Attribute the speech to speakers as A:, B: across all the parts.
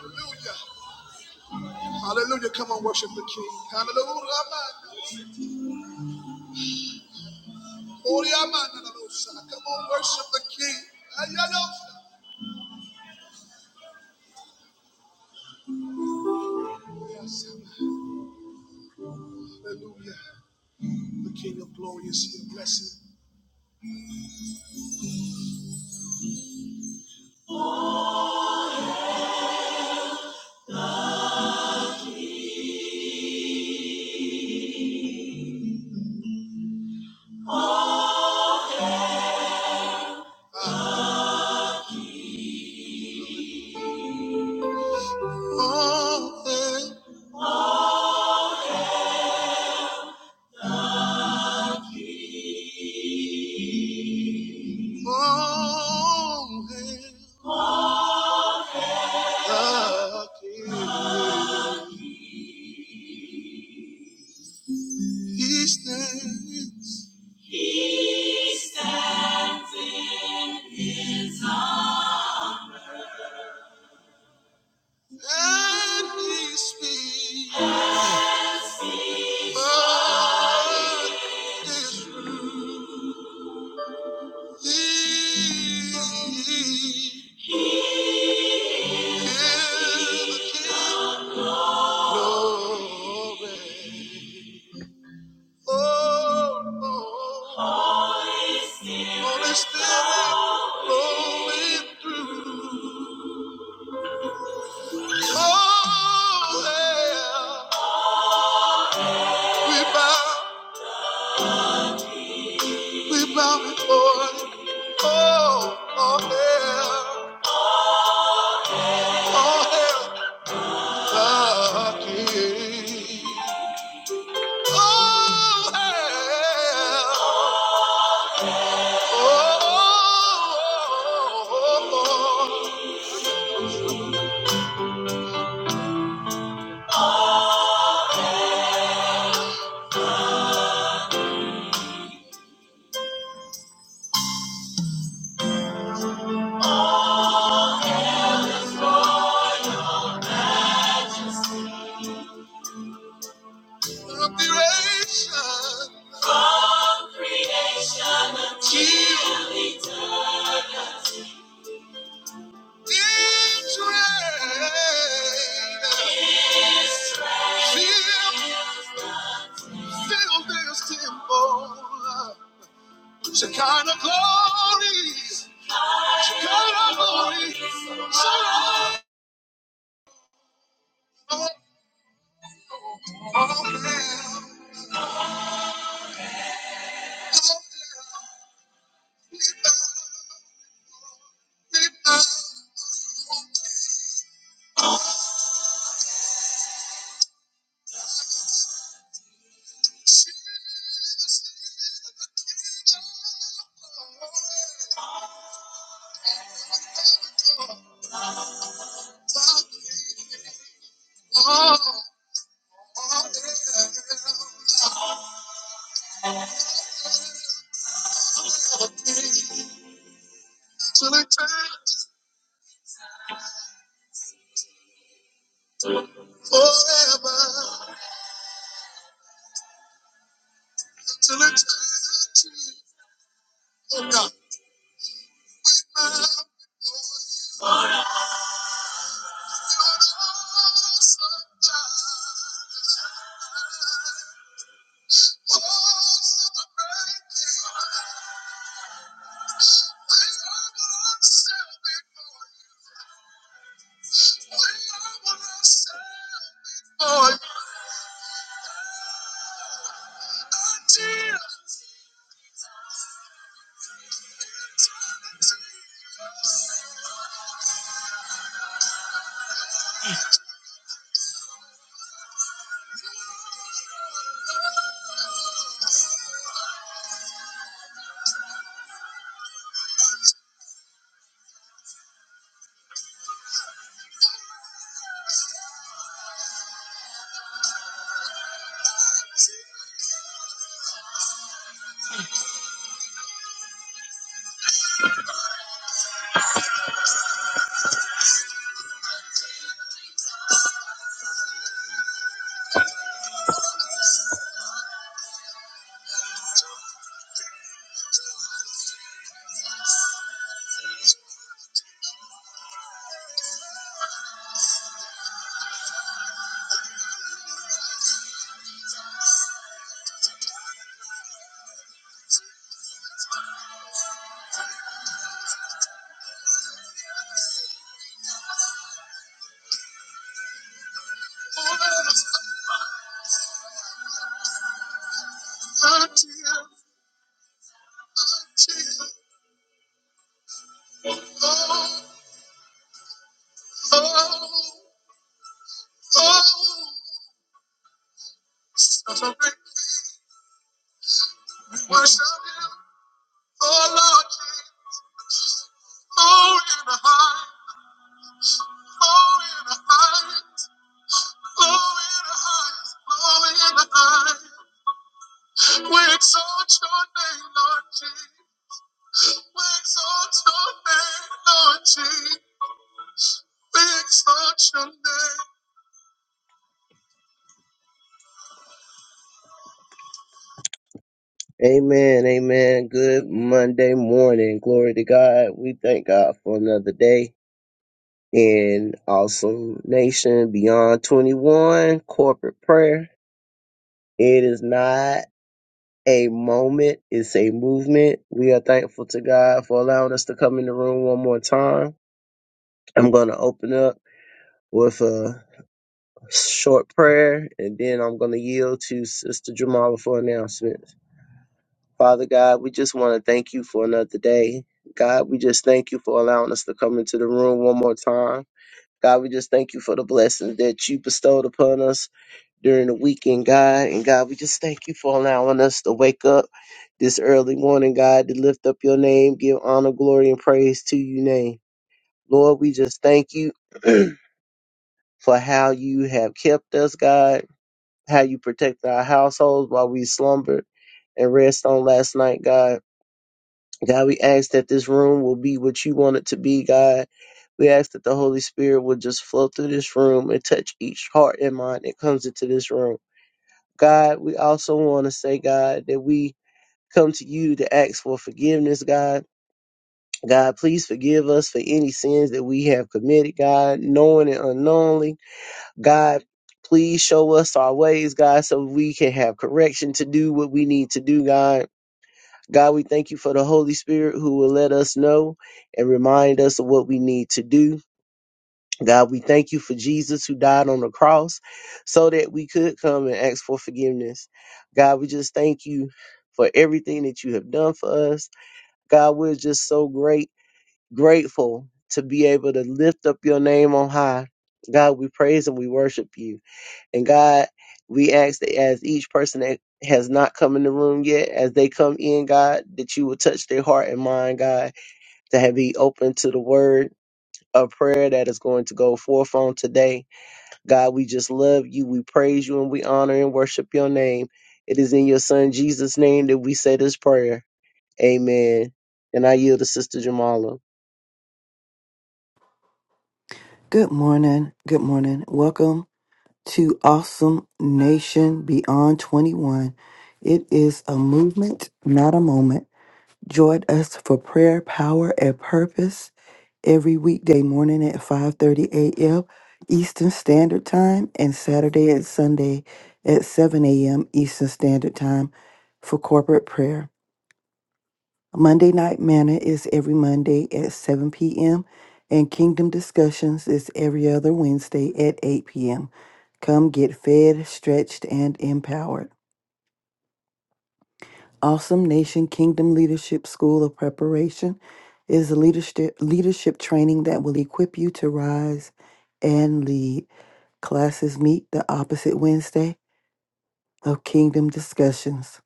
A: Hallelujah. Hallelujah! Come on, worship the King. Hallelujah. Come on, worship the King. Yes, hallelujah. The King of glory is here. Bless him. Oh, hail, oh, hail the King. He stands He stands in His arms, and he speaks. We bow, before you. Oh, oh, yeah, oh, yeah, the King. Oh, yeah. oh, oh, oh, oh. From creation. From creation until eternity. His reign. His reign. Fill this temple. Shekinah glory. Shekinah glory. Shekinah glory. Till it takes forever. Till it takes forever. Oh, forever. Amen, amen. Good Monday morning. Glory to God. We thank God for another day in Awesome Nation Beyond 21 corporate prayer. It is not a moment, it's a movement. We are thankful to God for allowing us to come in the room one more time. I'm going to open up with a short prayer and then I'm going to yield to Sister Jamala for announcements. Father God, we just want to thank you for another day. God, we just thank you for allowing us to come into the room one more time. God, we just thank you for the blessings that you bestowed upon us during the weekend, God. And God, we just thank you for allowing us to wake up this early morning, God, to lift up your name, give honor, glory, and praise to your name. Lord, we just thank you for how you have kept us, God, how you protected our households while we slumbered and rest on last night, God. God, we ask that this room will be what you want it to be, God. We ask that the Holy Spirit will just flow through this room and touch each heart and mind that comes into this room. God, we also want to say, God, that we come to you to ask for forgiveness, God. God, please forgive us for any sins that we have committed, God, knowing and unknowingly. God, please show us our ways, God, so we can have correction to do what we need to do, God. God, we thank you for the Holy Spirit who will let us know and remind us of what we need to do. God, we thank you for Jesus who died on the cross so that we could come and ask for forgiveness. God, we just thank you for everything that you have done for us. God, we're just so great, grateful to be able to lift up your name on high. God, we praise and we worship you. And God, we ask that as each person that has not come in the room yet, as they come in, God, that you will touch their heart and mind, God, to have be open to the word of prayer that is going to go forth on today. God, we just love you. We praise you and we honor and worship your name. It is in your son Jesus' name that we say this prayer. Amen. And I yield to Sister Jamala.
B: Good morning. Good morning. Welcome to Awesome Nation Beyond 21. It is a movement, not a moment. Join us for prayer, power, and purpose every weekday morning at 5:30 a.m. Eastern Standard Time and Saturday and Sunday at 7 a.m. Eastern Standard Time for corporate prayer. Monday Night Manna is every Monday at 7 p.m., and Kingdom Discussions is every other Wednesday at 8 p.m. Come get fed, stretched, and empowered. Awesome Nation Kingdom Leadership School of Preparation is a leadership, leadership training that will equip you to rise and lead. Classes meet the opposite Wednesday of Kingdom Discussions.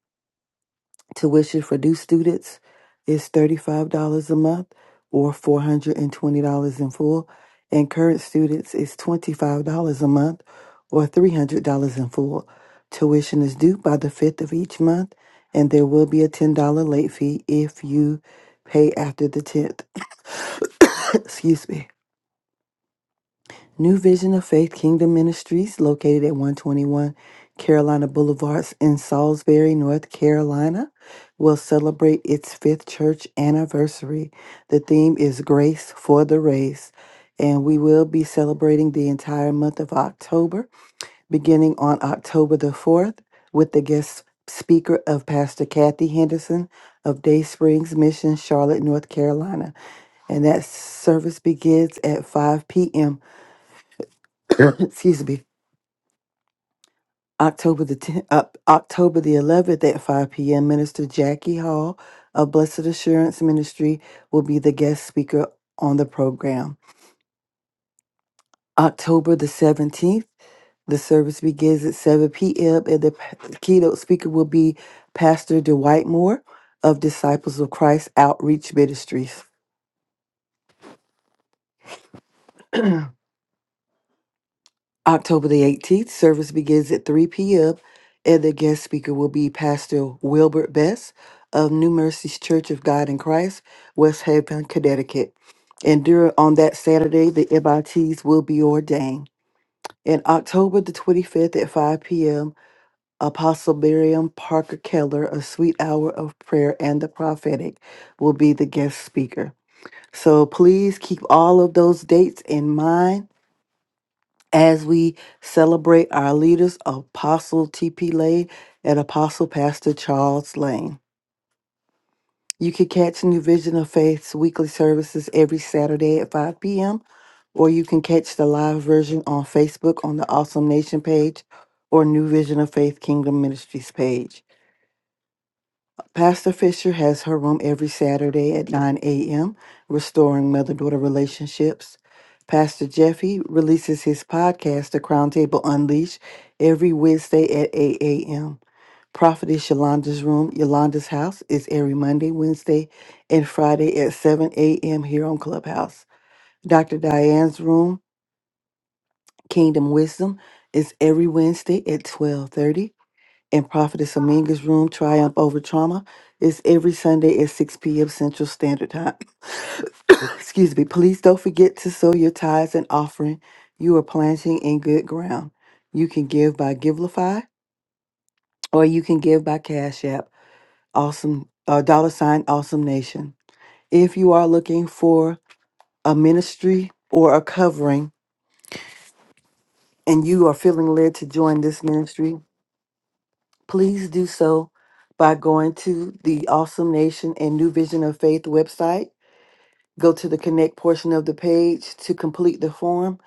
B: Tuition for new students is $35 a month or $420 in full, and current students is $25 a month or $300 in full. Tuition is due by the 5th of each month, and there will be a $10 late fee if you pay after the 10th. Excuse me. New Vision of Faith Kingdom Ministries, located at 121 Carolina Boulevard in Salisbury, North Carolina, will celebrate its fifth church anniversary. The theme is Grace for the Race, and we will be celebrating the entire month of October, beginning on October the 4th, with the guest speaker of Pastor Kathy Henderson of Day Springs Mission, Charlotte, North Carolina. And that service begins at 5 p.m. excuse me October the 10th, uh, October the 11th at 5 p.m. Minister Jackie Hall of Blessed Assurance Ministry will be the guest speaker on the program. October the 17th, the service begins at 7 p.m. and the p- keynote speaker will be Pastor Dwight Moore of Disciples of Christ Outreach Ministries. October the 18th, service begins at 3 p.m., and the guest speaker will be Pastor Wilbert Best of New Mercies Church of God in Christ, West Haven, Connecticut. And during on that Saturday, the MITs will be ordained. And October the 25th at 5 p.m., Apostle Miriam Parker Keller, A Sweet Hour of Prayer and the Prophetic, will be the guest speaker. So please keep all of those dates in mind as we celebrate our leaders, Apostle T.P. Lane and Apostle Pastor Charles Lane. You can catch New Vision of Faith's weekly services every Saturday at 5 p.m., or you can catch the live version on Facebook on the Awesome Nation page or New Vision of Faith Kingdom Ministries page. Pastor Fisher has her room every Saturday at 9 a.m., restoring mother daughter relationships. Pastor Jeffy releases his podcast, The Crown Table Unleashed, every Wednesday at 8 a.m. Prophetess Yolanda's Room, Yolanda's House, is every Monday, Wednesday, and Friday at 7 a.m. here on Clubhouse. Dr. Diane's Room, Kingdom Wisdom, is every Wednesday at 12:30 in Prophetess Aminga's room, Triumph Over Trauma, is every Sunday at 6 p.m. Central Standard Time. Excuse me. Please don't forget to sow your tithes and offering. You are planting in good ground. You can give by Givelify or you can give by Cash App, awesome, uh, dollar sign, awesome nation. If you are looking for a ministry or a covering and you are feeling led to join this ministry, please do so by going to the Awesome Nation and New Vision of Faith website. Go to the connect portion of the page to complete the form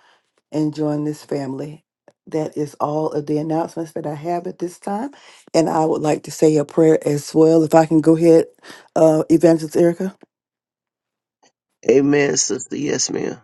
B: and join this family. That is all of the announcements that I have at this time. And I would like to say a prayer as well. If I can go ahead, uh, Evangelist Erica.
A: Amen, sister. Yes, ma'am.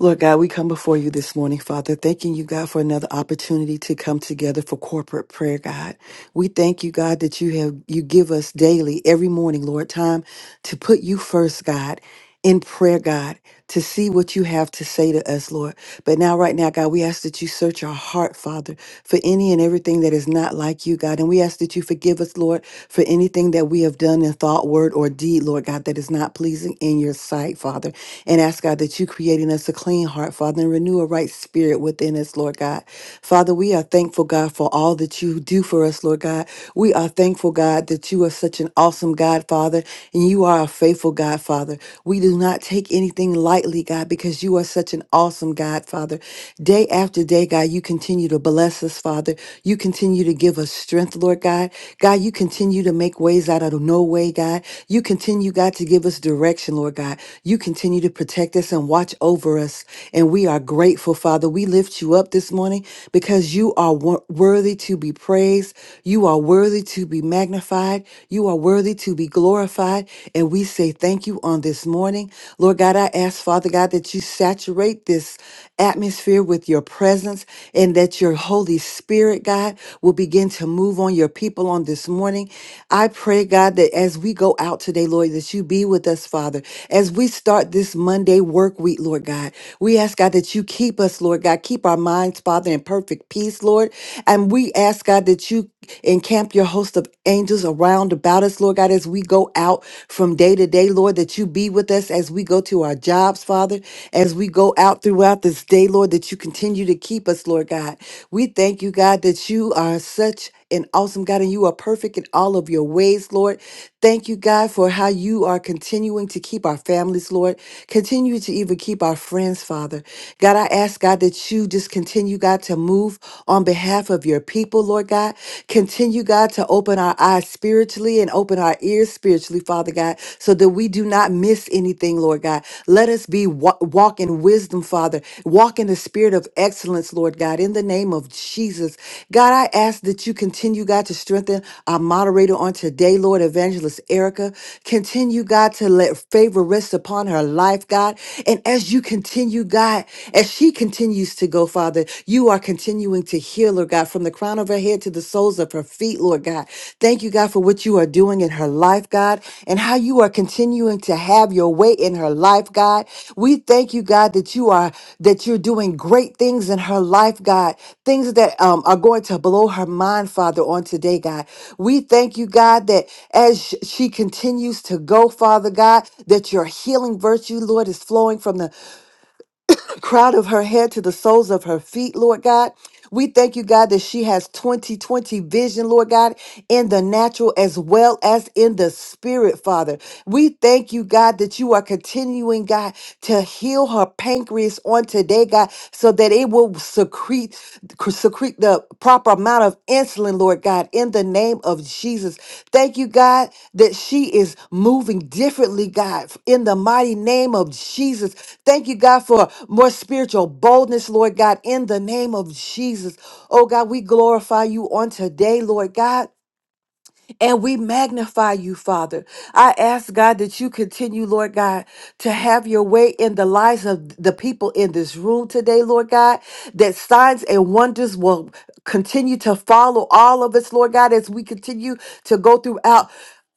B: Lord God, we come before you this morning, Father, thanking you, God, for another opportunity to come together for corporate prayer, God. We thank you, God, that you have you give us daily, every morning, Lord, time to put you first, God, in prayer, God, to see what you have to say to us, Lord. But now, right now, God, we ask that you search our heart, Father, for any and everything that is not like you, God. And we ask that you forgive us, Lord, for anything that we have done in thought, word, or deed, Lord God, that is not pleasing in your sight, Father. And ask, God, that you create in us a clean heart, Father, and renew a right spirit within us, Lord God. Father, we are thankful, God, for all that that you do for us, Lord God. We are thankful, God, that you are such an awesome God, Father, and you are a faithful God, Father. We do not take anything lightly, God, because you are such an awesome God, Father. Day after day, God, you continue to bless us, Father. You continue to give us strength, Lord God. God, you continue to make ways out of no way, God. You continue, God, to give us direction, Lord God. You continue to protect us and watch over us. And we are grateful, Father. We lift you up this morning because you are. You are wor- worthy to be praised. You are worthy to be magnified. You are worthy to be glorified. And we say thank you on this morning. Lord God, I ask, Father God, that you saturate this atmosphere with your presence and that your Holy Spirit, God, will begin to move on your people on this morning. I pray, God, that as we go out today, Lord, that you be with us, Father. As we start this Monday work week, Lord God, we ask, God, that you keep us, Lord God, keep our minds, Father, in perfect peace, Lord. And we ask, God, that you encamp your host of angels around about us, Lord God, as we go out from day to day, Lord, that you be with us as we go to our jobs, Father, as we go out throughout this day, Lord, that you continue to keep us, Lord God. We thank you, God, that you are such and awesome God, and you are perfect in all of your ways, Lord. Thank you, God, for how you are continuing to keep our families, Lord. Continue to even keep our friends, Father. God, I ask, God, that you just continue, God, to move on behalf of your people, Lord God. Continue, God, to open our eyes spiritually and open our ears spiritually, Father God, so that we do not miss anything, Lord God. Let us be wa- walk in wisdom, Father. Walk in the spirit of excellence, Lord God, in the name of Jesus. God, I ask that you continue, God, to strengthen our moderator on today, Lord, Evangelist Erica. Continue, God, to let favor rest upon her life, God. And as you continue, God, as she continues to go, Father, you are continuing to heal her, God, from the crown of her head to the soles of her feet feet, Lord God. Thank you, God, for what you are doing in her life, God, and how you are continuing to have your way in her life, God. We thank you, God, that you are that you're doing great things in her life, God. Things that um, are going to blow her mind, Father, on today, God. We thank you, God, that as sh- she continues to go, Father God, that your healing virtue, Lord, is flowing from the crown of her head to the soles of her feet, Lord God. We thank you, God, that she has 2020 vision, Lord God, in the natural as well as in the spirit, Father. We thank you, God, that you are continuing, God, to heal her pancreas on today, God, so that it will secrete, secrete the proper amount of insulin, Lord God, in the name of Jesus. Thank you, God, that she is moving differently, God, in the mighty name of Jesus. Thank you, God, for more spiritual boldness, Lord God, in the name of Jesus. Oh, God, we glorify you on today, Lord God. And we magnify you, Father. I ask God that you continue, Lord God, to have your way in the lives of the people in this room today, Lord God, that signs and wonders will continue to follow all of us, Lord God, as we continue to go throughout.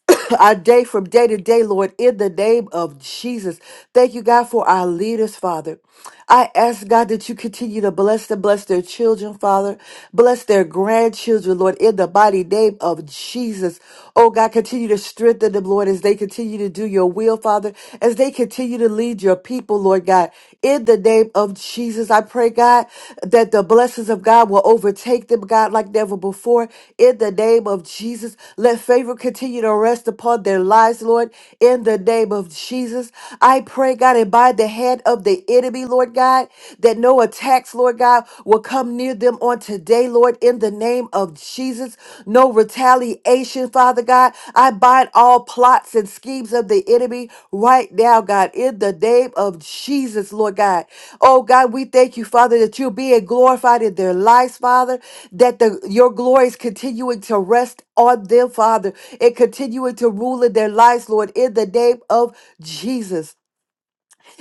B: our day from day to day, Lord, in the name of Jesus. Thank you, God, for our leaders, Father. I ask, God, that you continue to bless them, bless their children, Father. Bless their grandchildren, Lord, in the mighty name of Jesus. Oh, God, continue to strengthen them, Lord, as they continue to do your will, Father, as they continue to lead your people, Lord God, in the name name of Jesus. I pray, God, that the blessings of God will overtake them, God, like never before. In the name of Jesus, let favor continue to rest upon their lives, Lord. In the name of Jesus, I pray, God, and by the hand of the enemy, Lord God, that no attacks, Lord God, will come near them on today, Lord. In the name of Jesus, no retaliation, Father God. I bind all plots and schemes of the enemy right now, God, in the name of Jesus, Lord God. Oh God, we thank you, Father, that you're being glorified in their lives, Father, that the your glory is continuing to rest on them, Father, and continuing to rule in their lives, Lord, in the name of Jesus.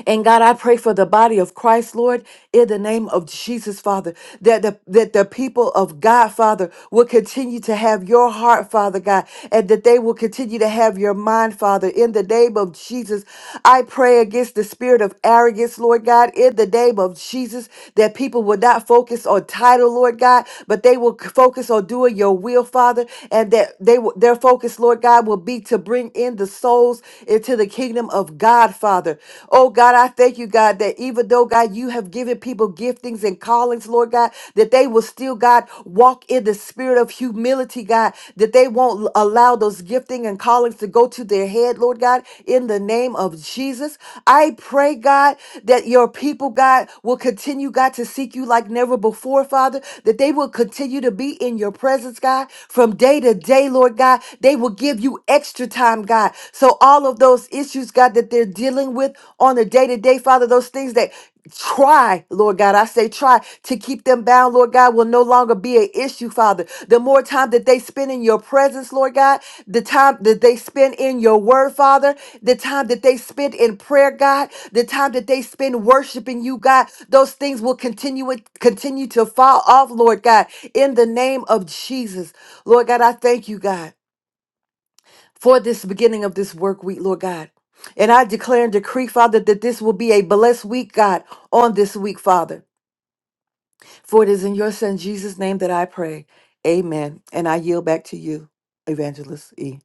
B: And God, I pray for the body of Christ, Lord, in the name of Jesus, Father, that the, that the people of God, Father, will continue to have your heart, Father God, and that they will continue to have your mind, Father, in the name of Jesus. I pray against the spirit of arrogance, Lord God, in the name of Jesus, that people will not focus on title, Lord God, but they will focus on doing your will, Father, and that they will, their focus, Lord God, will be to bring in the souls into the kingdom of God, Father. Oh God, I thank you, God, that even though, God, you have given people giftings and callings, Lord God, that they will still, God, walk in the spirit of humility, God, that they won't allow those gifting and callings to go to their head, Lord God, in the name of Jesus. I pray, God, that your people, God, will continue, God, to seek you like never before, Father, that they will continue to be in your presence, God, from day to day, Lord God. They will give give you extra time, God. So all of those issues, God, that they're dealing with on a day to day, Father, those things that try, Lord God, I say try to keep them bound, Lord God, will no longer be an issue, Father. The more time that they spend in your presence, Lord God, the time that they spend in your word, Father, the time that they spend in prayer, God, the time that they spend worshiping you, God, those things will continue continue to fall off, Lord God, in the name of Jesus. Lord God, I thank you, God for this beginning of this work week, Lord God. And I declare and decree, Father, that this will be a blessed week, God, on this week, Father. For it is in your Son, Jesus' name, that I pray. Amen. And I yield back to you, Evangelist E.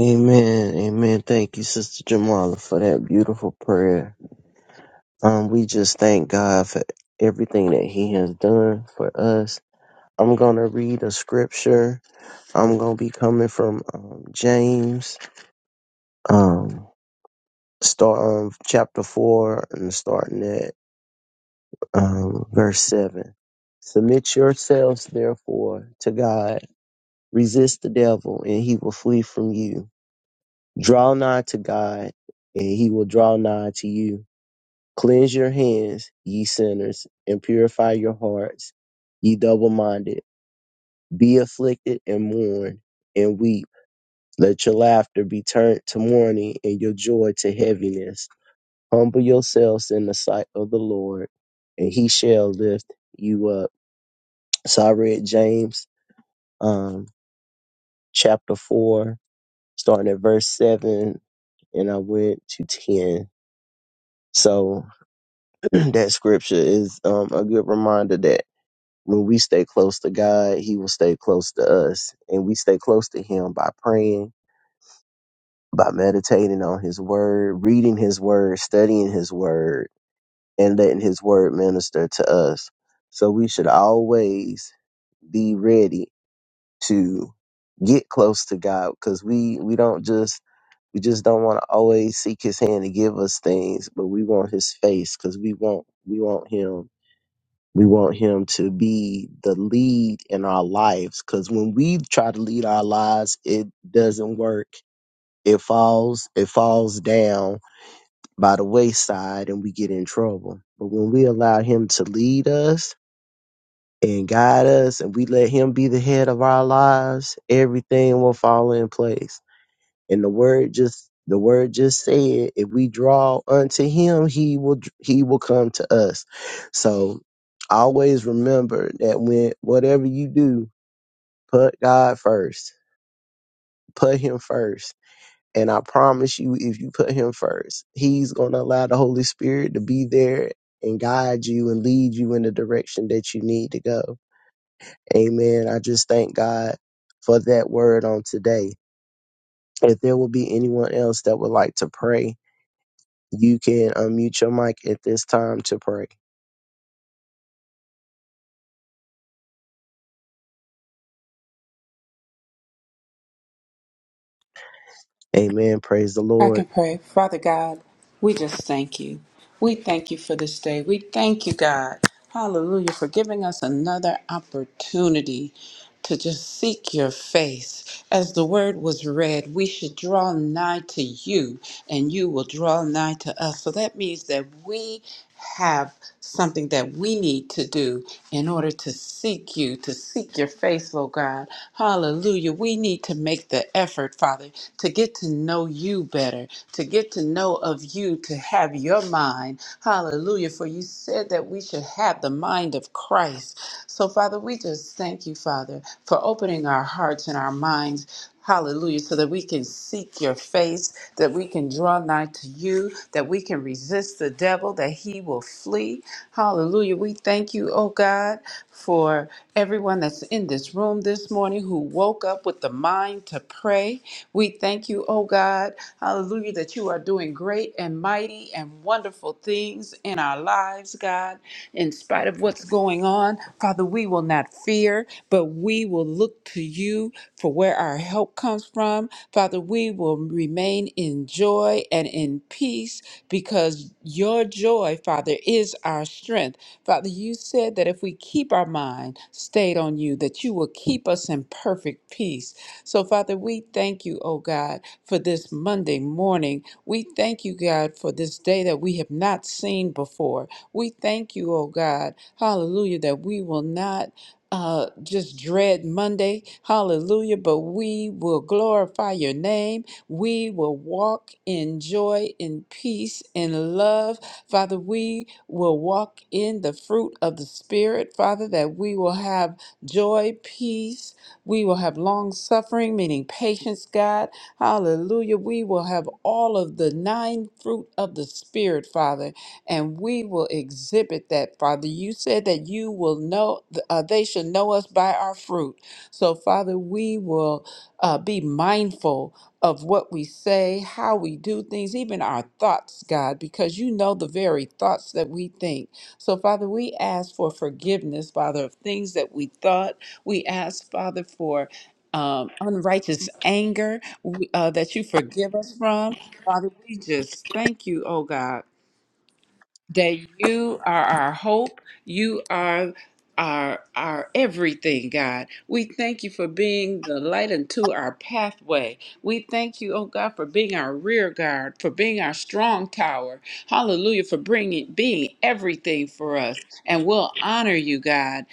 A: Amen. Amen. Thank you, Sister Jamala, for that beautiful prayer. Um, we just thank God for everything that He has done for us. I'm gonna read a scripture. I'm gonna be coming from um, James, um, start um, chapter four and starting at um, verse seven. Submit yourselves, therefore, to God. Resist the devil, and he will flee from you. Draw nigh to God, and he will draw nigh to you. Cleanse your hands, ye sinners, and purify your hearts, ye double minded. Be afflicted and mourn and weep. Let your laughter be turned to mourning and your joy to heaviness. Humble yourselves in the sight of the Lord, and he shall lift you up. So I read James um, chapter 4, starting at verse 7, and I went to 10. So that scripture is um, a good reminder that when we stay close to God, He will stay close to us. And we stay close to Him by praying, by meditating on His Word, reading His Word, studying His Word, and letting His Word minister to us. So we should always be ready to get close to God because we, we don't just we just don't want to always seek his hand to give us things, but we want his face because we want we want him We want him to be the lead in our lives because when we try to lead our lives, it doesn't work. It falls, it falls down by the wayside and we get in trouble. But when we allow him to lead us and guide us and we let him be the head of our lives, everything will fall in place. And the word just the word just said, if we draw unto him, he will he will come to us. So always remember that when whatever you do, put God first. Put him first. And I promise you, if you put him first, he's gonna allow the Holy Spirit to be there and guide you and lead you in the direction that you need to go. Amen. I just thank God for that word on today. If there will be anyone else that would like to pray, You can unmute your mic at this time to pray. Amen. Praise the
C: I can
A: Lord.
C: pray. Father God, we just thank you. We thank you for this day. We thank you, God. Hallelujah, for giving us another opportunity to just seek your face. As the word was read, we should draw nigh to you, and you will draw nigh to us. So that means that we have something that we need to do in order to seek you, to seek your face, Lord God. Hallelujah. We need to make the effort, Father, to get to know you better, to get to know of you, to have your mind. Hallelujah. For you said that we should have the mind of Christ. So, Father, we just thank you, Father, for opening our hearts and our minds. Hallelujah, so that we can seek your face, that we can draw nigh to you, that we can resist the devil, that he will flee. Hallelujah. We thank you, oh God, for everyone that's in this room this morning who woke up with the mind to pray. We thank you, oh God, hallelujah, that you are doing great and mighty and wonderful things in our lives, God. In spite of what's going on, Father, we will not fear, but we will look to you for where our help comes from. Father, we will remain in joy and in peace because your joy, Father, is our strength. Father, you said that if we keep our mind stayed on you, that you will keep us in perfect peace. So, Father, we thank you, oh God, for this Monday morning. We thank you, God, for this day that we have not seen before. We thank you, oh God, hallelujah, that we will not uh, just dread Monday, hallelujah, but we will glorify your name. We will walk in joy, in peace, in love. Father, we will walk in the fruit of the Spirit, Father, that we will have joy, peace. We will have long suffering, meaning patience, God. Hallelujah. We will have all of the nine fruit of the Spirit, Father and we will exhibit that, Father. You said that you will know, uh, they should know us by our fruit. So, Father, we will uh, be mindful of what we say, how we do things, even our thoughts, God, because you know the very thoughts that we think. So, Father, we ask for forgiveness, Father, of things that we thought. We ask, Father, for um, unrighteous anger we- uh, that you forgive us from. Father, we just thank you, oh God that you are our hope. You are our, our everything, God. We thank you for being the light into our pathway. We thank you, oh God, for being our rear guard, for being our strong tower. Hallelujah, for bringing being everything for us. And we'll honor you, God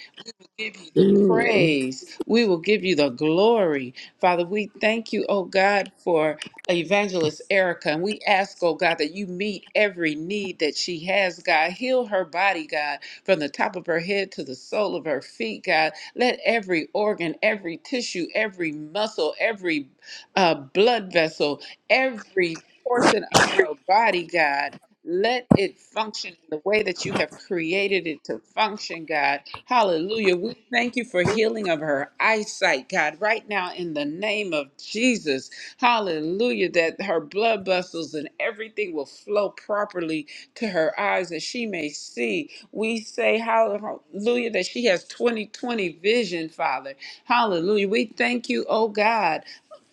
C: give you the
D: Mm.
C: praise. We will give you the glory. Father, we thank you, oh God, for Evangelist Erica. And we ask, oh God, that you meet every need that she has, God. Heal her body, God, from the top of her head to the sole of her feet, God. Let every organ, every tissue, every muscle, every uh, blood vessel, every portion of her body, God, let it function in the way that you have created it to function, God. Hallelujah. We thank you for healing of her eyesight, God, right now in the name of Jesus. Hallelujah. That her blood vessels and everything will flow properly to her eyes that she may see. We say, Hallelujah, that she has 2020 vision, Father. Hallelujah. We thank you, oh God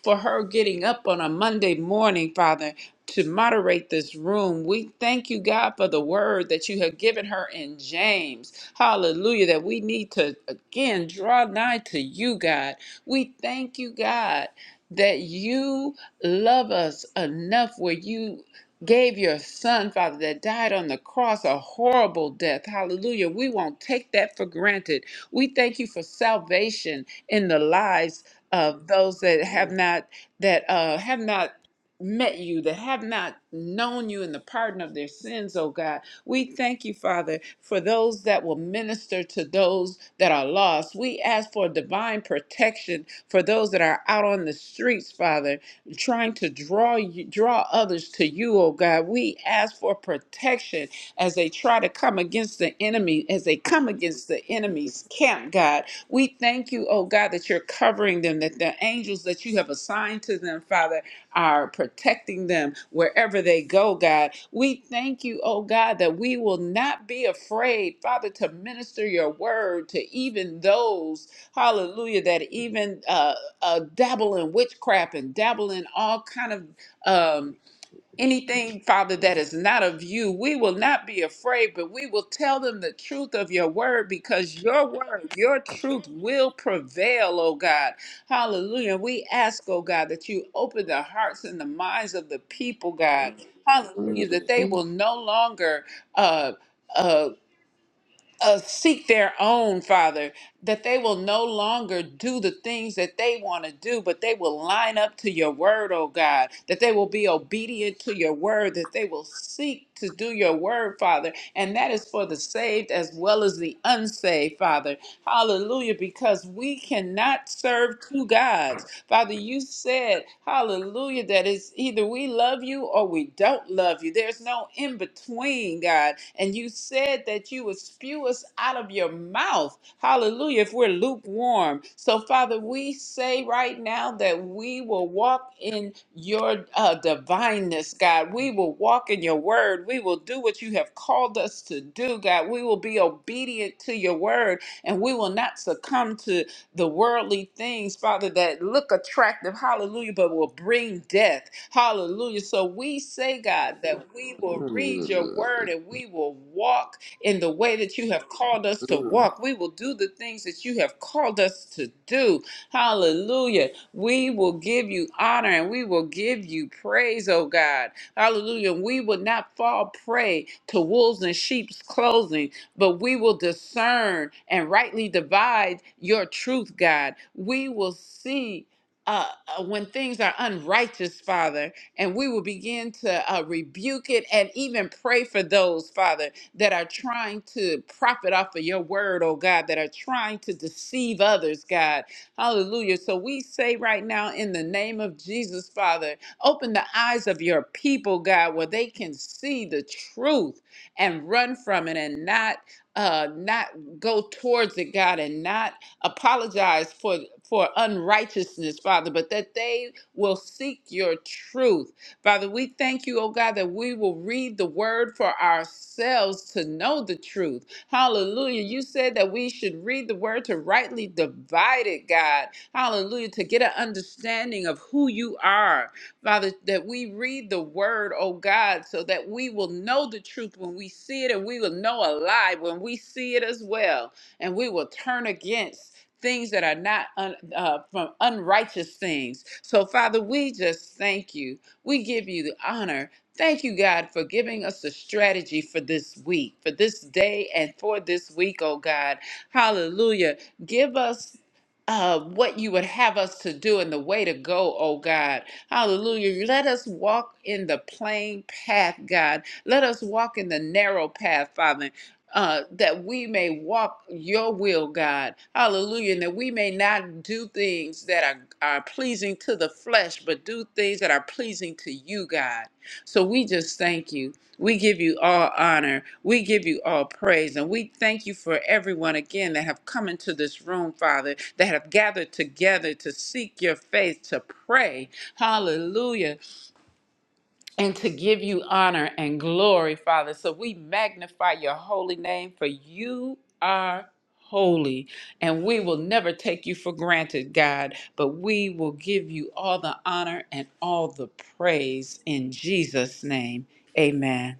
C: for her getting up on a Monday morning, Father to moderate this room. We thank you, God, for the word that you have given her in James. Hallelujah. That we need to again draw nigh to you, God. We thank you, God, that you love us enough where you gave your son, Father, that died on the cross a horrible death. Hallelujah. We won't take that for granted. We thank you for salvation in the lives of those that have not that uh, have not met you, that have not known you in the pardon of their sins, oh God. We thank you, Father, for those that will minister to those that are lost. We ask for divine protection for those that are out on the streets, Father, trying to draw you, draw others to you, oh God. We ask for protection as they try to come against the enemy, as they come against the enemy's camp, God. We thank you, oh God, that you're covering them, that the angels that you have assigned to them, Father, are protecting them wherever they go, God. We thank you, oh God, that we will not be afraid, Father, to minister your word to even those, hallelujah, that even uh, uh, dabble in witchcraft and dabble in all kind of. Um, Anything, Father, that is not of you, we will not be afraid, but we will tell them the truth of your word because your word, your truth will prevail, oh God. Hallelujah. We ask, oh God, that you open the hearts and the minds of the people, God. Hallelujah. That they
D: Mm.
C: will no longer uh uh, uh, seek their own, Father, that they will no longer do the things that they want to do, but they will line up to your word, oh God, that they will be obedient to your word, that they will seek to do your word, Father. And that is for the saved as well as the unsaved, Father. Hallelujah, because we cannot serve two gods. Father, you said, hallelujah, that it's either we love you or we don't love you. There's no in between, God. And you said that you would spew us out of your mouth, hallelujah, if we're lukewarm. So, Father, we say right now that we will walk in your uh, divineness, God. We will walk in your word. We will do what you have called us to do, God. We will be obedient to your word and we will not succumb to the worldly things, Father, that look attractive, hallelujah, but will bring death, hallelujah. So we say, God, that we will read your
D: Mm.
C: word and we will walk in the way that you have called us to
D: Mm.
C: walk. We will do the things that you have called us to do, hallelujah. We will give you honor and we will give you praise, oh God, hallelujah. We will not fall prey to wolves and sheep's clothing, but we will discern and rightly divide your truth, God. We will see. Uh, uh, when things are unrighteous, Father, and we will begin to uh, rebuke it and even pray for those, Father, that are trying to profit off of your word, oh God, that are trying to deceive others, God. Hallelujah. So we say right now, in the name of Jesus, Father, open the eyes of your people, God, where they can see the truth and run from it and not uh, not go towards it, God, and not apologize for for unrighteousness, Father, but that they will seek your truth. Father, we thank you, oh God, that we will read the word for ourselves to know the truth. Hallelujah. You said that we should read the word to rightly divide it, God. Hallelujah. To get an understanding of who you are. Father, that we read the word, oh God, so that we will know the truth when we see it and we will know a lie when we see it as well. And we will turn against things that are not un, uh, from unrighteous things. So, Father, we just thank you. We give you the honor. Thank you, God, for giving us the strategy for this week, for this day, and for this week, oh God. Hallelujah. Give us uh, what you would have us to do and the way to go, oh God. Hallelujah. Let us walk in the plain path, God. Let us walk in the narrow path, Father. Uh, that we may walk your will, God. Hallelujah. And that we may not do things that are, are pleasing to the flesh, but do things that are pleasing to you, God. So we just thank you. We give you all honor. We give you all praise. And we thank you for everyone again that have come into this room, Father, that have gathered together to seek your face, to pray. Hallelujah. And to give you honor and glory, Father. So we magnify your holy name for you are holy. And we will never take you for granted, God, but we will give you all the honor and all the praise in Jesus' name. Amen.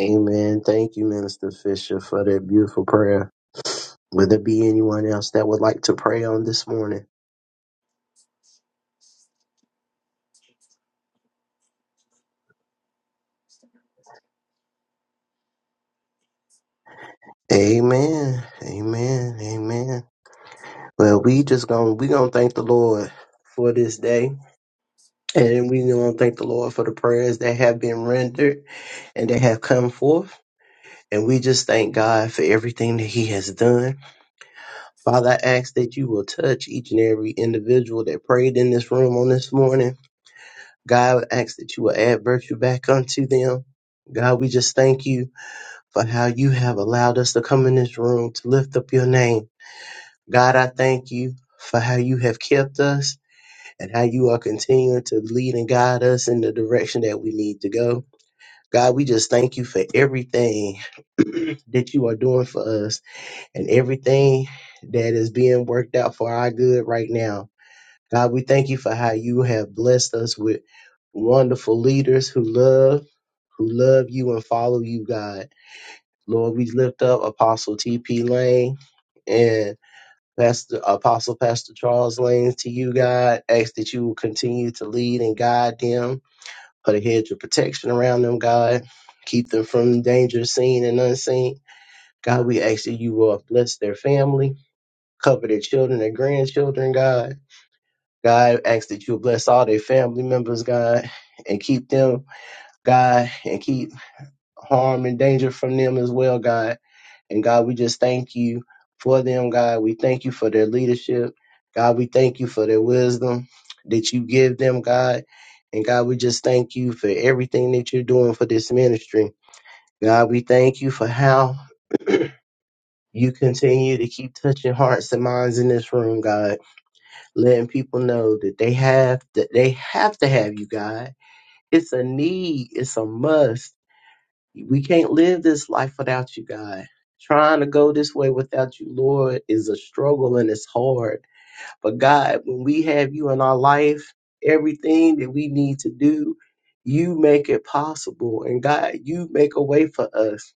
A: Amen. Thank you, Minister Fisher, for that beautiful prayer. Will there be anyone else that would like to pray on this morning? Amen. Amen. Amen. Well, we just gonna we gonna thank the Lord for this day. And we gonna thank the Lord for the prayers that have been rendered and that have come forth. And we just thank God for everything that He has done Father, I ask that you will touch each and every individual that prayed in this room on this morning. God, I ask that you will add virtue back unto them. God, we just thank you for how you have allowed us to come in this room to lift up your name. God, I thank you for how you have kept us and how you are continuing to lead and guide us in the direction that we need to go. God, we just thank you for everything that you are doing for us and everything that is being worked out for our good right now. God, we thank you for how you have blessed us with wonderful leaders who love, who love you and follow you, God. Lord, we lift up Apostle T.P. Lane and Pastor Apostle Pastor Charles Lane to you, God. Ask that you will continue to lead and guide them. Put a hedge of protection around them, God. Keep them from danger seen and unseen. God, we ask that you will bless their family, cover their children and grandchildren, God. God, I ask that you bless all their family members, God, and keep them, God, and keep harm and danger from them as well, God. And God, we just thank you for them, God. We thank you for their leadership. God, we thank you for their wisdom that you give them, God. And God, we just thank you for everything that you're doing for this ministry. God, we thank you for how you continue to keep touching hearts and minds in this room, God, letting people know that they have that they have to have you, God It's a need. It's a must. We can't live this life without you, God. Trying to go this way without you, Lord, is a struggle and it's hard. But God, when we have you in our life, everything that we need to do, you make it possible. And God, you make a way for us.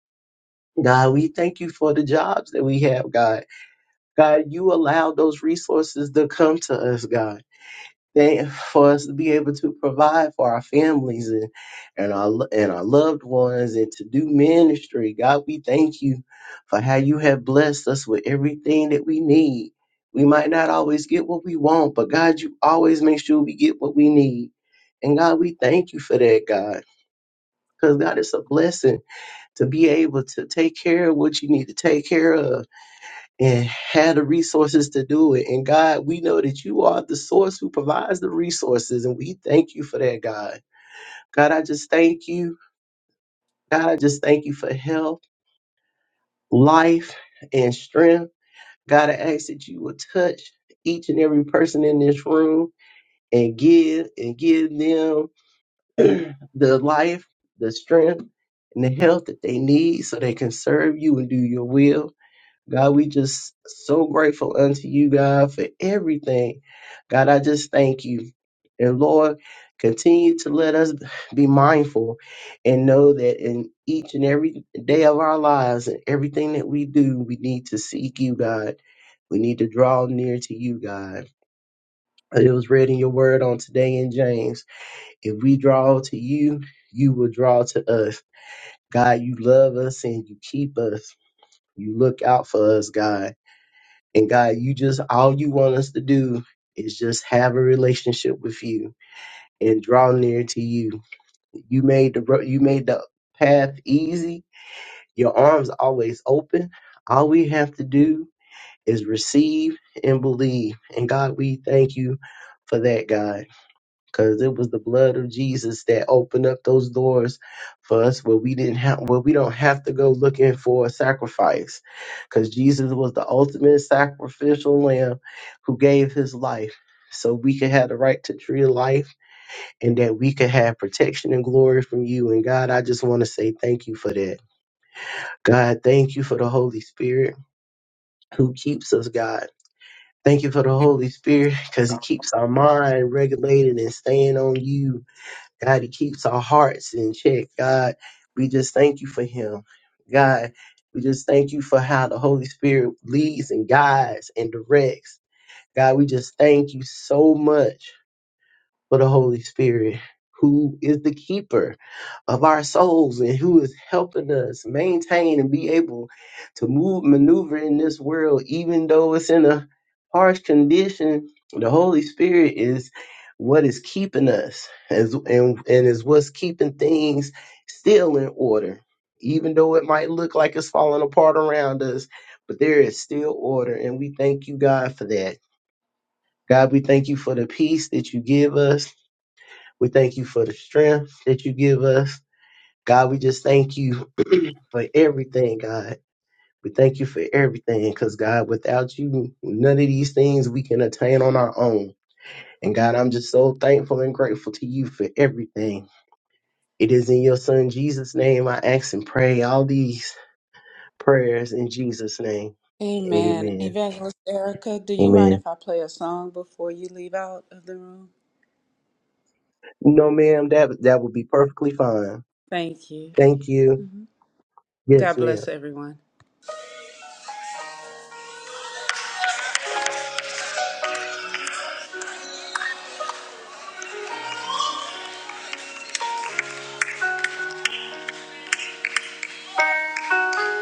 A: God, we thank you for the jobs that we have, God. God, you allow those resources to come to us, God. They, for us to be able to provide for our families and, and our lo- and our loved ones and to do ministry. God, we thank you for how you have blessed us with everything that we need. We might not always get what we want, but God, you always make sure we get what we need. And God, we thank you for that, God. Because God, it's a blessing to be able to take care of what you need to take care of and had the resources to do it. And God, we know that you are the source who provides the resources. And we thank you for that, God. God, I just thank you. God, I just thank you for health, life, and strength. God, I ask that you will touch each and every person in this room and give and give them the life, the strength, and the health that they need so they can serve you and do your will. God, we just so grateful unto you, God, for everything. God, I just thank you. And Lord, continue to let us be mindful and know that in each and every day of our lives and everything that we do, we need to seek you, God. We need to draw near to you, God. It was read in your word on today in James. If we draw to you, you will draw to us. God, you love us and you keep us. You look out for us, God. And God, you just all you want us to do is just have a relationship with you and draw near to you. You made the ro- you made the path easy. Your arms always open. All we have to do is receive and believe. And God, we thank you for that, God because it was the blood of Jesus that opened up those doors for us where we didn't have where we don't have to go looking for a sacrifice because Jesus was the ultimate sacrificial lamb who gave his life so we could have the right to tree of life and that we could have protection and glory from you and God I just want to say thank you for that God thank you for the Holy Spirit who keeps us God Thank you for the Holy Spirit because He
E: You-
A: keeps our mind regulated and staying on you God, He keeps our hearts in check. God, we just thank you for Him. God, we just thank you for how the Holy Spirit leads and guides and directs. God, we just thank you so much for the Holy Spirit, who is the keeper of our souls and who is helping us maintain and be able to move, maneuver in this world, even though it's in a harsh condition. The Holy Spirit is what is keeping us as, and, and is what's keeping things still in order. Even though it might look like it's falling apart around us, but there is still order. And we thank you, God, for that. God, we thank you for the peace that you give us. We thank you for the strength that you give us. God, we just thank you for everything, God. We thank you for everything because, God, without you, none of these things we can attain on our own. And, God, I'm just so thankful and grateful to you for everything. It is in your Son, Jesus' name, I ask and pray all these prayers in Jesus' name.
C: Amen.
A: Amen.
C: Evangelist Erica, do you mind
A: Amen.
C: if I play a song before you leave out of the room?
A: No, ma'am, that, that would be perfectly fine.
C: Thank you.
A: Thank you. Yes,
C: God
A: ma'am.
C: bless everyone.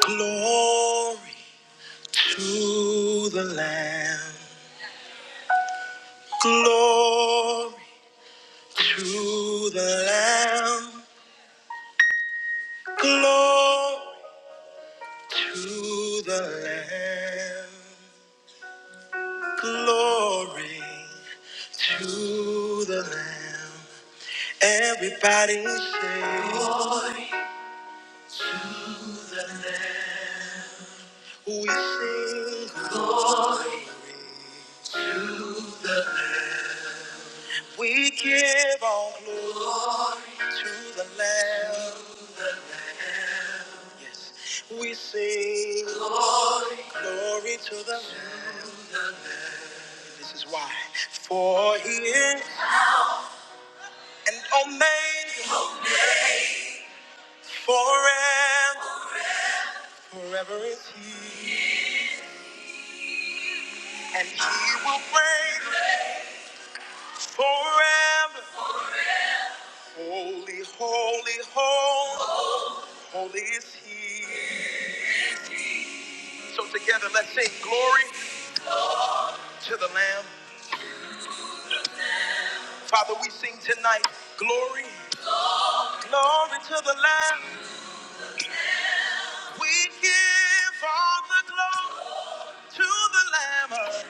C: Glory to the Lamb. Glory to the Lamb. Glory to the Lamb. Glory to the Lamb. Everybody say, We sing glory to the Lamb. We give all glory to the Lamb. Yes. We sing glory, glory to the Lamb. This is why. For he is and omega forever. Forever is he. And he will reign forever. Holy, holy, holy, holy is he. So together let's sing glory to the Lamb. Father, we sing tonight glory, glory to the Lamb. We give all the glory to the Lamb.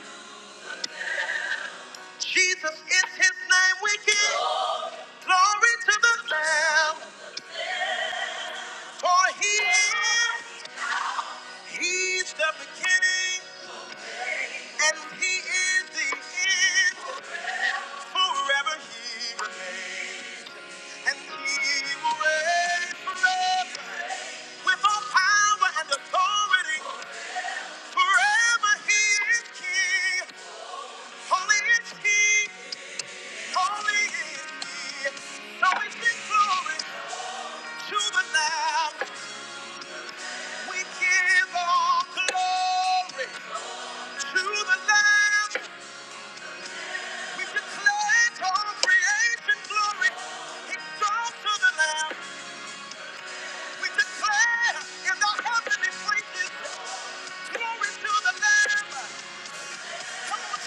C: Jesus is his name. We give glory to the Lamb. For he is, he's the beginning and he is the end. Forever he remains. And he will reign forever with all power and authority. Forever he is king. Holy is he. Holy is he. So we sing glory to the Lamb. We give all glory to the Lamb. We declare to all creation glory. He goes to the Lamb. We declare in the heavenly places glory to the Lamb. Jesus.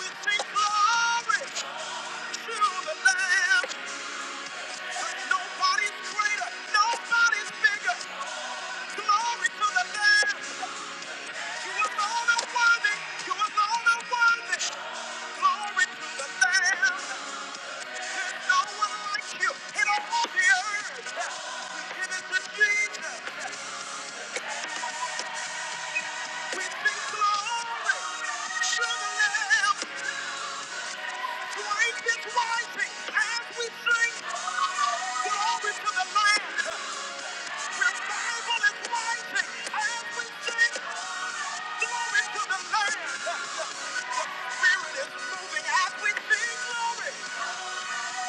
C: We sing glory to the Lamb. Grace is rising as we sing. Glory to the Lamb. Revival is rising as we sing. Glory to the Lamb. The Spirit is moving as we sing. Glory.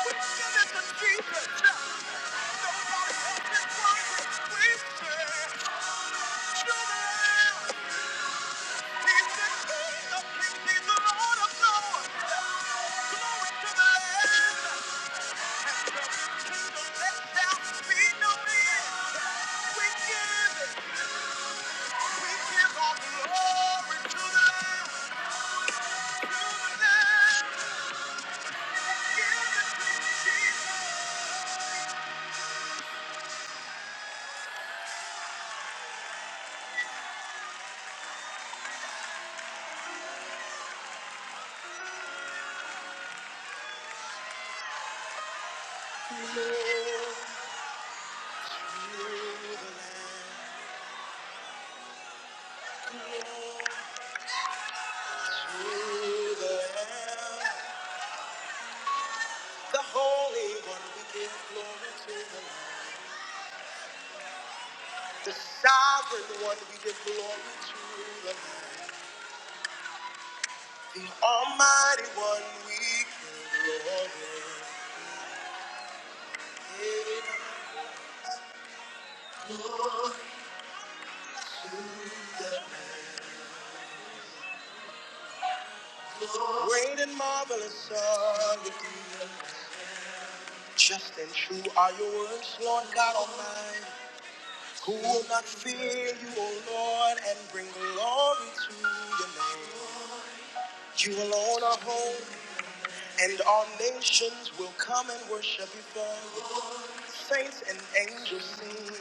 C: We give it to Jesus. Nobody else is rising. We sing. To the Lamb. He's the King of Kings. He's the Lord of Lords. Glory to the Lamb. The Holy One, we give glory to the Lord. The Sovereign One, we give glory to. The Almighty One, we give glory. Great and marvelous are your deeds. Just and true are your words, Lord God Almighty. Who will not fear you, O Lord, and bring glory to your name? You alone are holy, and all nations will come and worship before you. Saints and angels sing,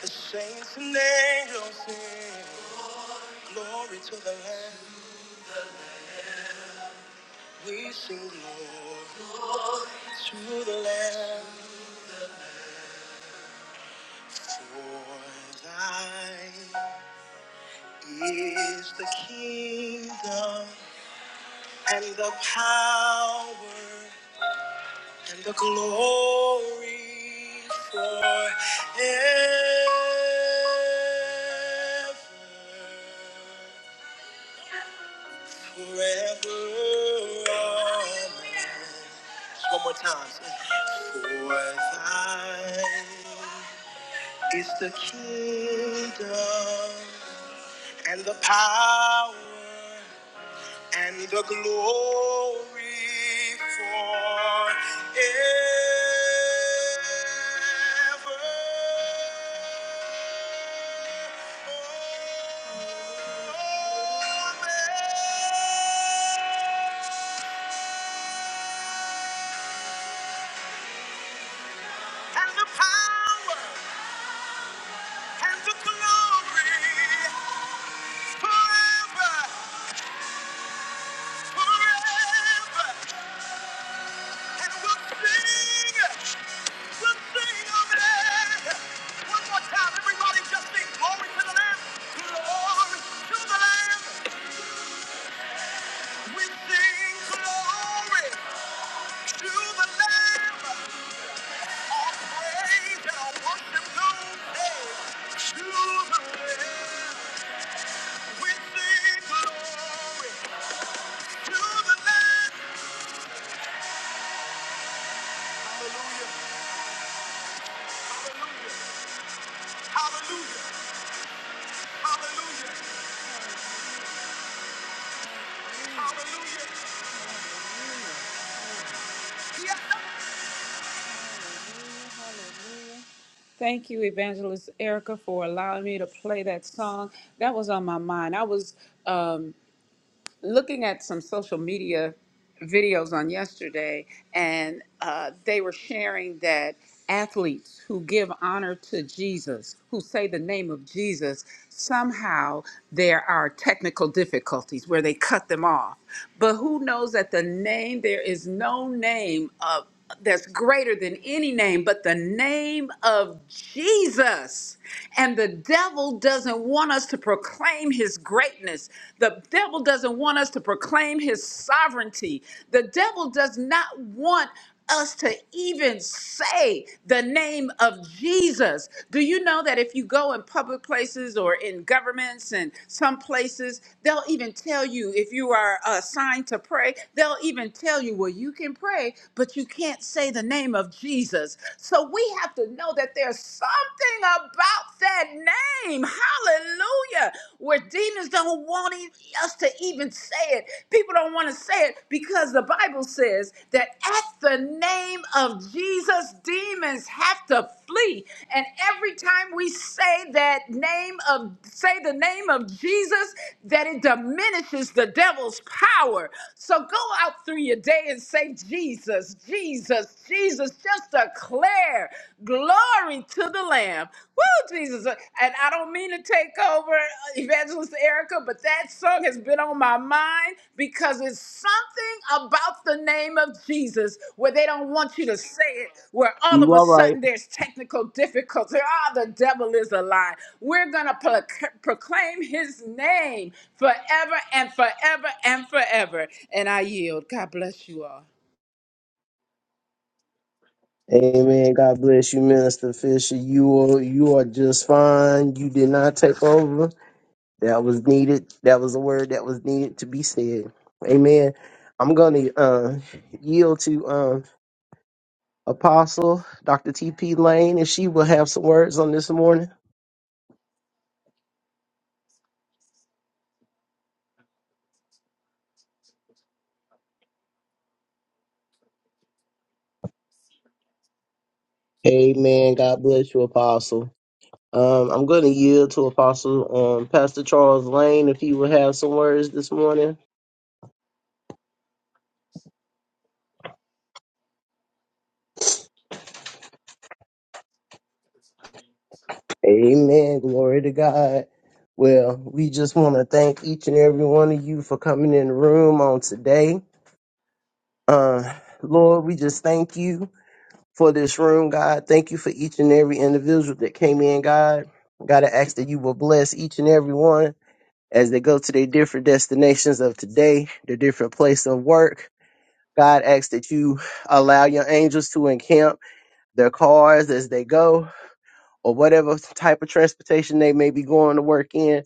C: the saints and angels sing, glory to the Lamb. We sing glory to the Lamb, for thine is the kingdom and the power and the glory forever, forever. Amen. One more time. For thine is the kingdom and the power and the glory forever. And the power and the glory forever, forever, and we'll sing. Hallelujah, hallelujah, hallelujah, hallelujah. Yes, Thank you, Evangelist Erica, for allowing me to play that song. That was on my mind. I was um, looking at some social media videos on yesterday, and uh, they were sharing that athletes who give honor to Jesus, who say the name of Jesus, somehow there are technical difficulties where they cut them off. But who knows that the name, there is no name of that's greater than any name but the name of Jesus. And the devil doesn't want us to proclaim his greatness. The devil doesn't want us to proclaim his sovereignty. The devil does not want us to even say the name of Jesus. Do you know that if you go in public places or in governments and some places, they'll even tell you if you are assigned to pray, they'll even tell you, well, you can pray, but but you can't say the name of Jesus. So we have to know that there's something about that name. Hallelujah. Where demons don't want e- us to even say it. People don't want to say it because the Bible says that at the name of Jesus, demons have to flee. And every time we say that name of say the name of Jesus, that it diminishes the devil's power. So go out through your day and say Jesus. Jesus, Jesus, Jesus, just declare glory to the Lamb. Woo, Jesus. And I don't mean to take over uh, Evangelist Erica, but that song has been on my mind because it's something about the name of Jesus where they don't want you to say it, where all of a sudden there's technical difficulty. Ah, the devil is a lie. We're going to proclaim his name forever and forever and forever. And I yield. God bless you all.
A: Amen. God bless you, Minister Fisher. You are you are just fine. You did not take over. That was needed. That was a word that was needed to be said. Amen. I'm going to uh, yield to um, Apostle Dr. T.P. Lane, and she will have some words on this morning. Amen. God bless you, Apostle. Um, I'm going to yield to Apostle um, Pastor Charles Lane if he will have some words this morning. Amen. Glory to God. Well, we just want to thank each and every one of you for coming in the room on today. Uh, Lord, we just thank you for this room, God. Thank you for each and every individual that came in, God. God, I ask that you will bless each and every one as they go to their different destinations of today, their different place of work. God, I ask that you allow your angels to encamp their cars as they go, or whatever type of transportation they may be going to work in.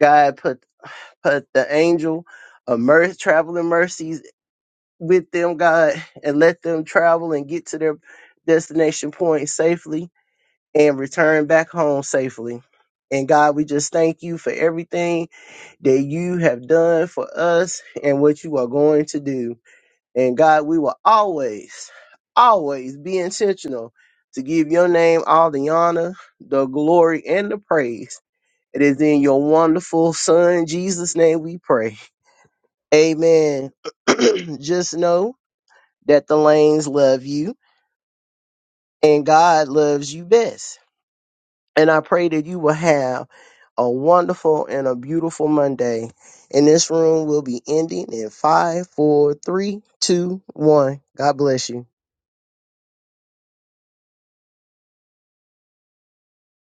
A: God, put put the angel of mercy, traveling mercies with them, God, and let them travel and get to their destination point safely and return back home safely. And God, we just thank you for everything that you have done for us and what you are going to do. And God, we will always, always be intentional to give your name all the honor, the glory, and the praise. It is in your wonderful Son, Jesus' name, we pray. Amen. just know that the lanes love you and God loves you best. And I pray that you will have a wonderful and a beautiful Monday. And this room will be ending in five, four, three, two, one. God bless you.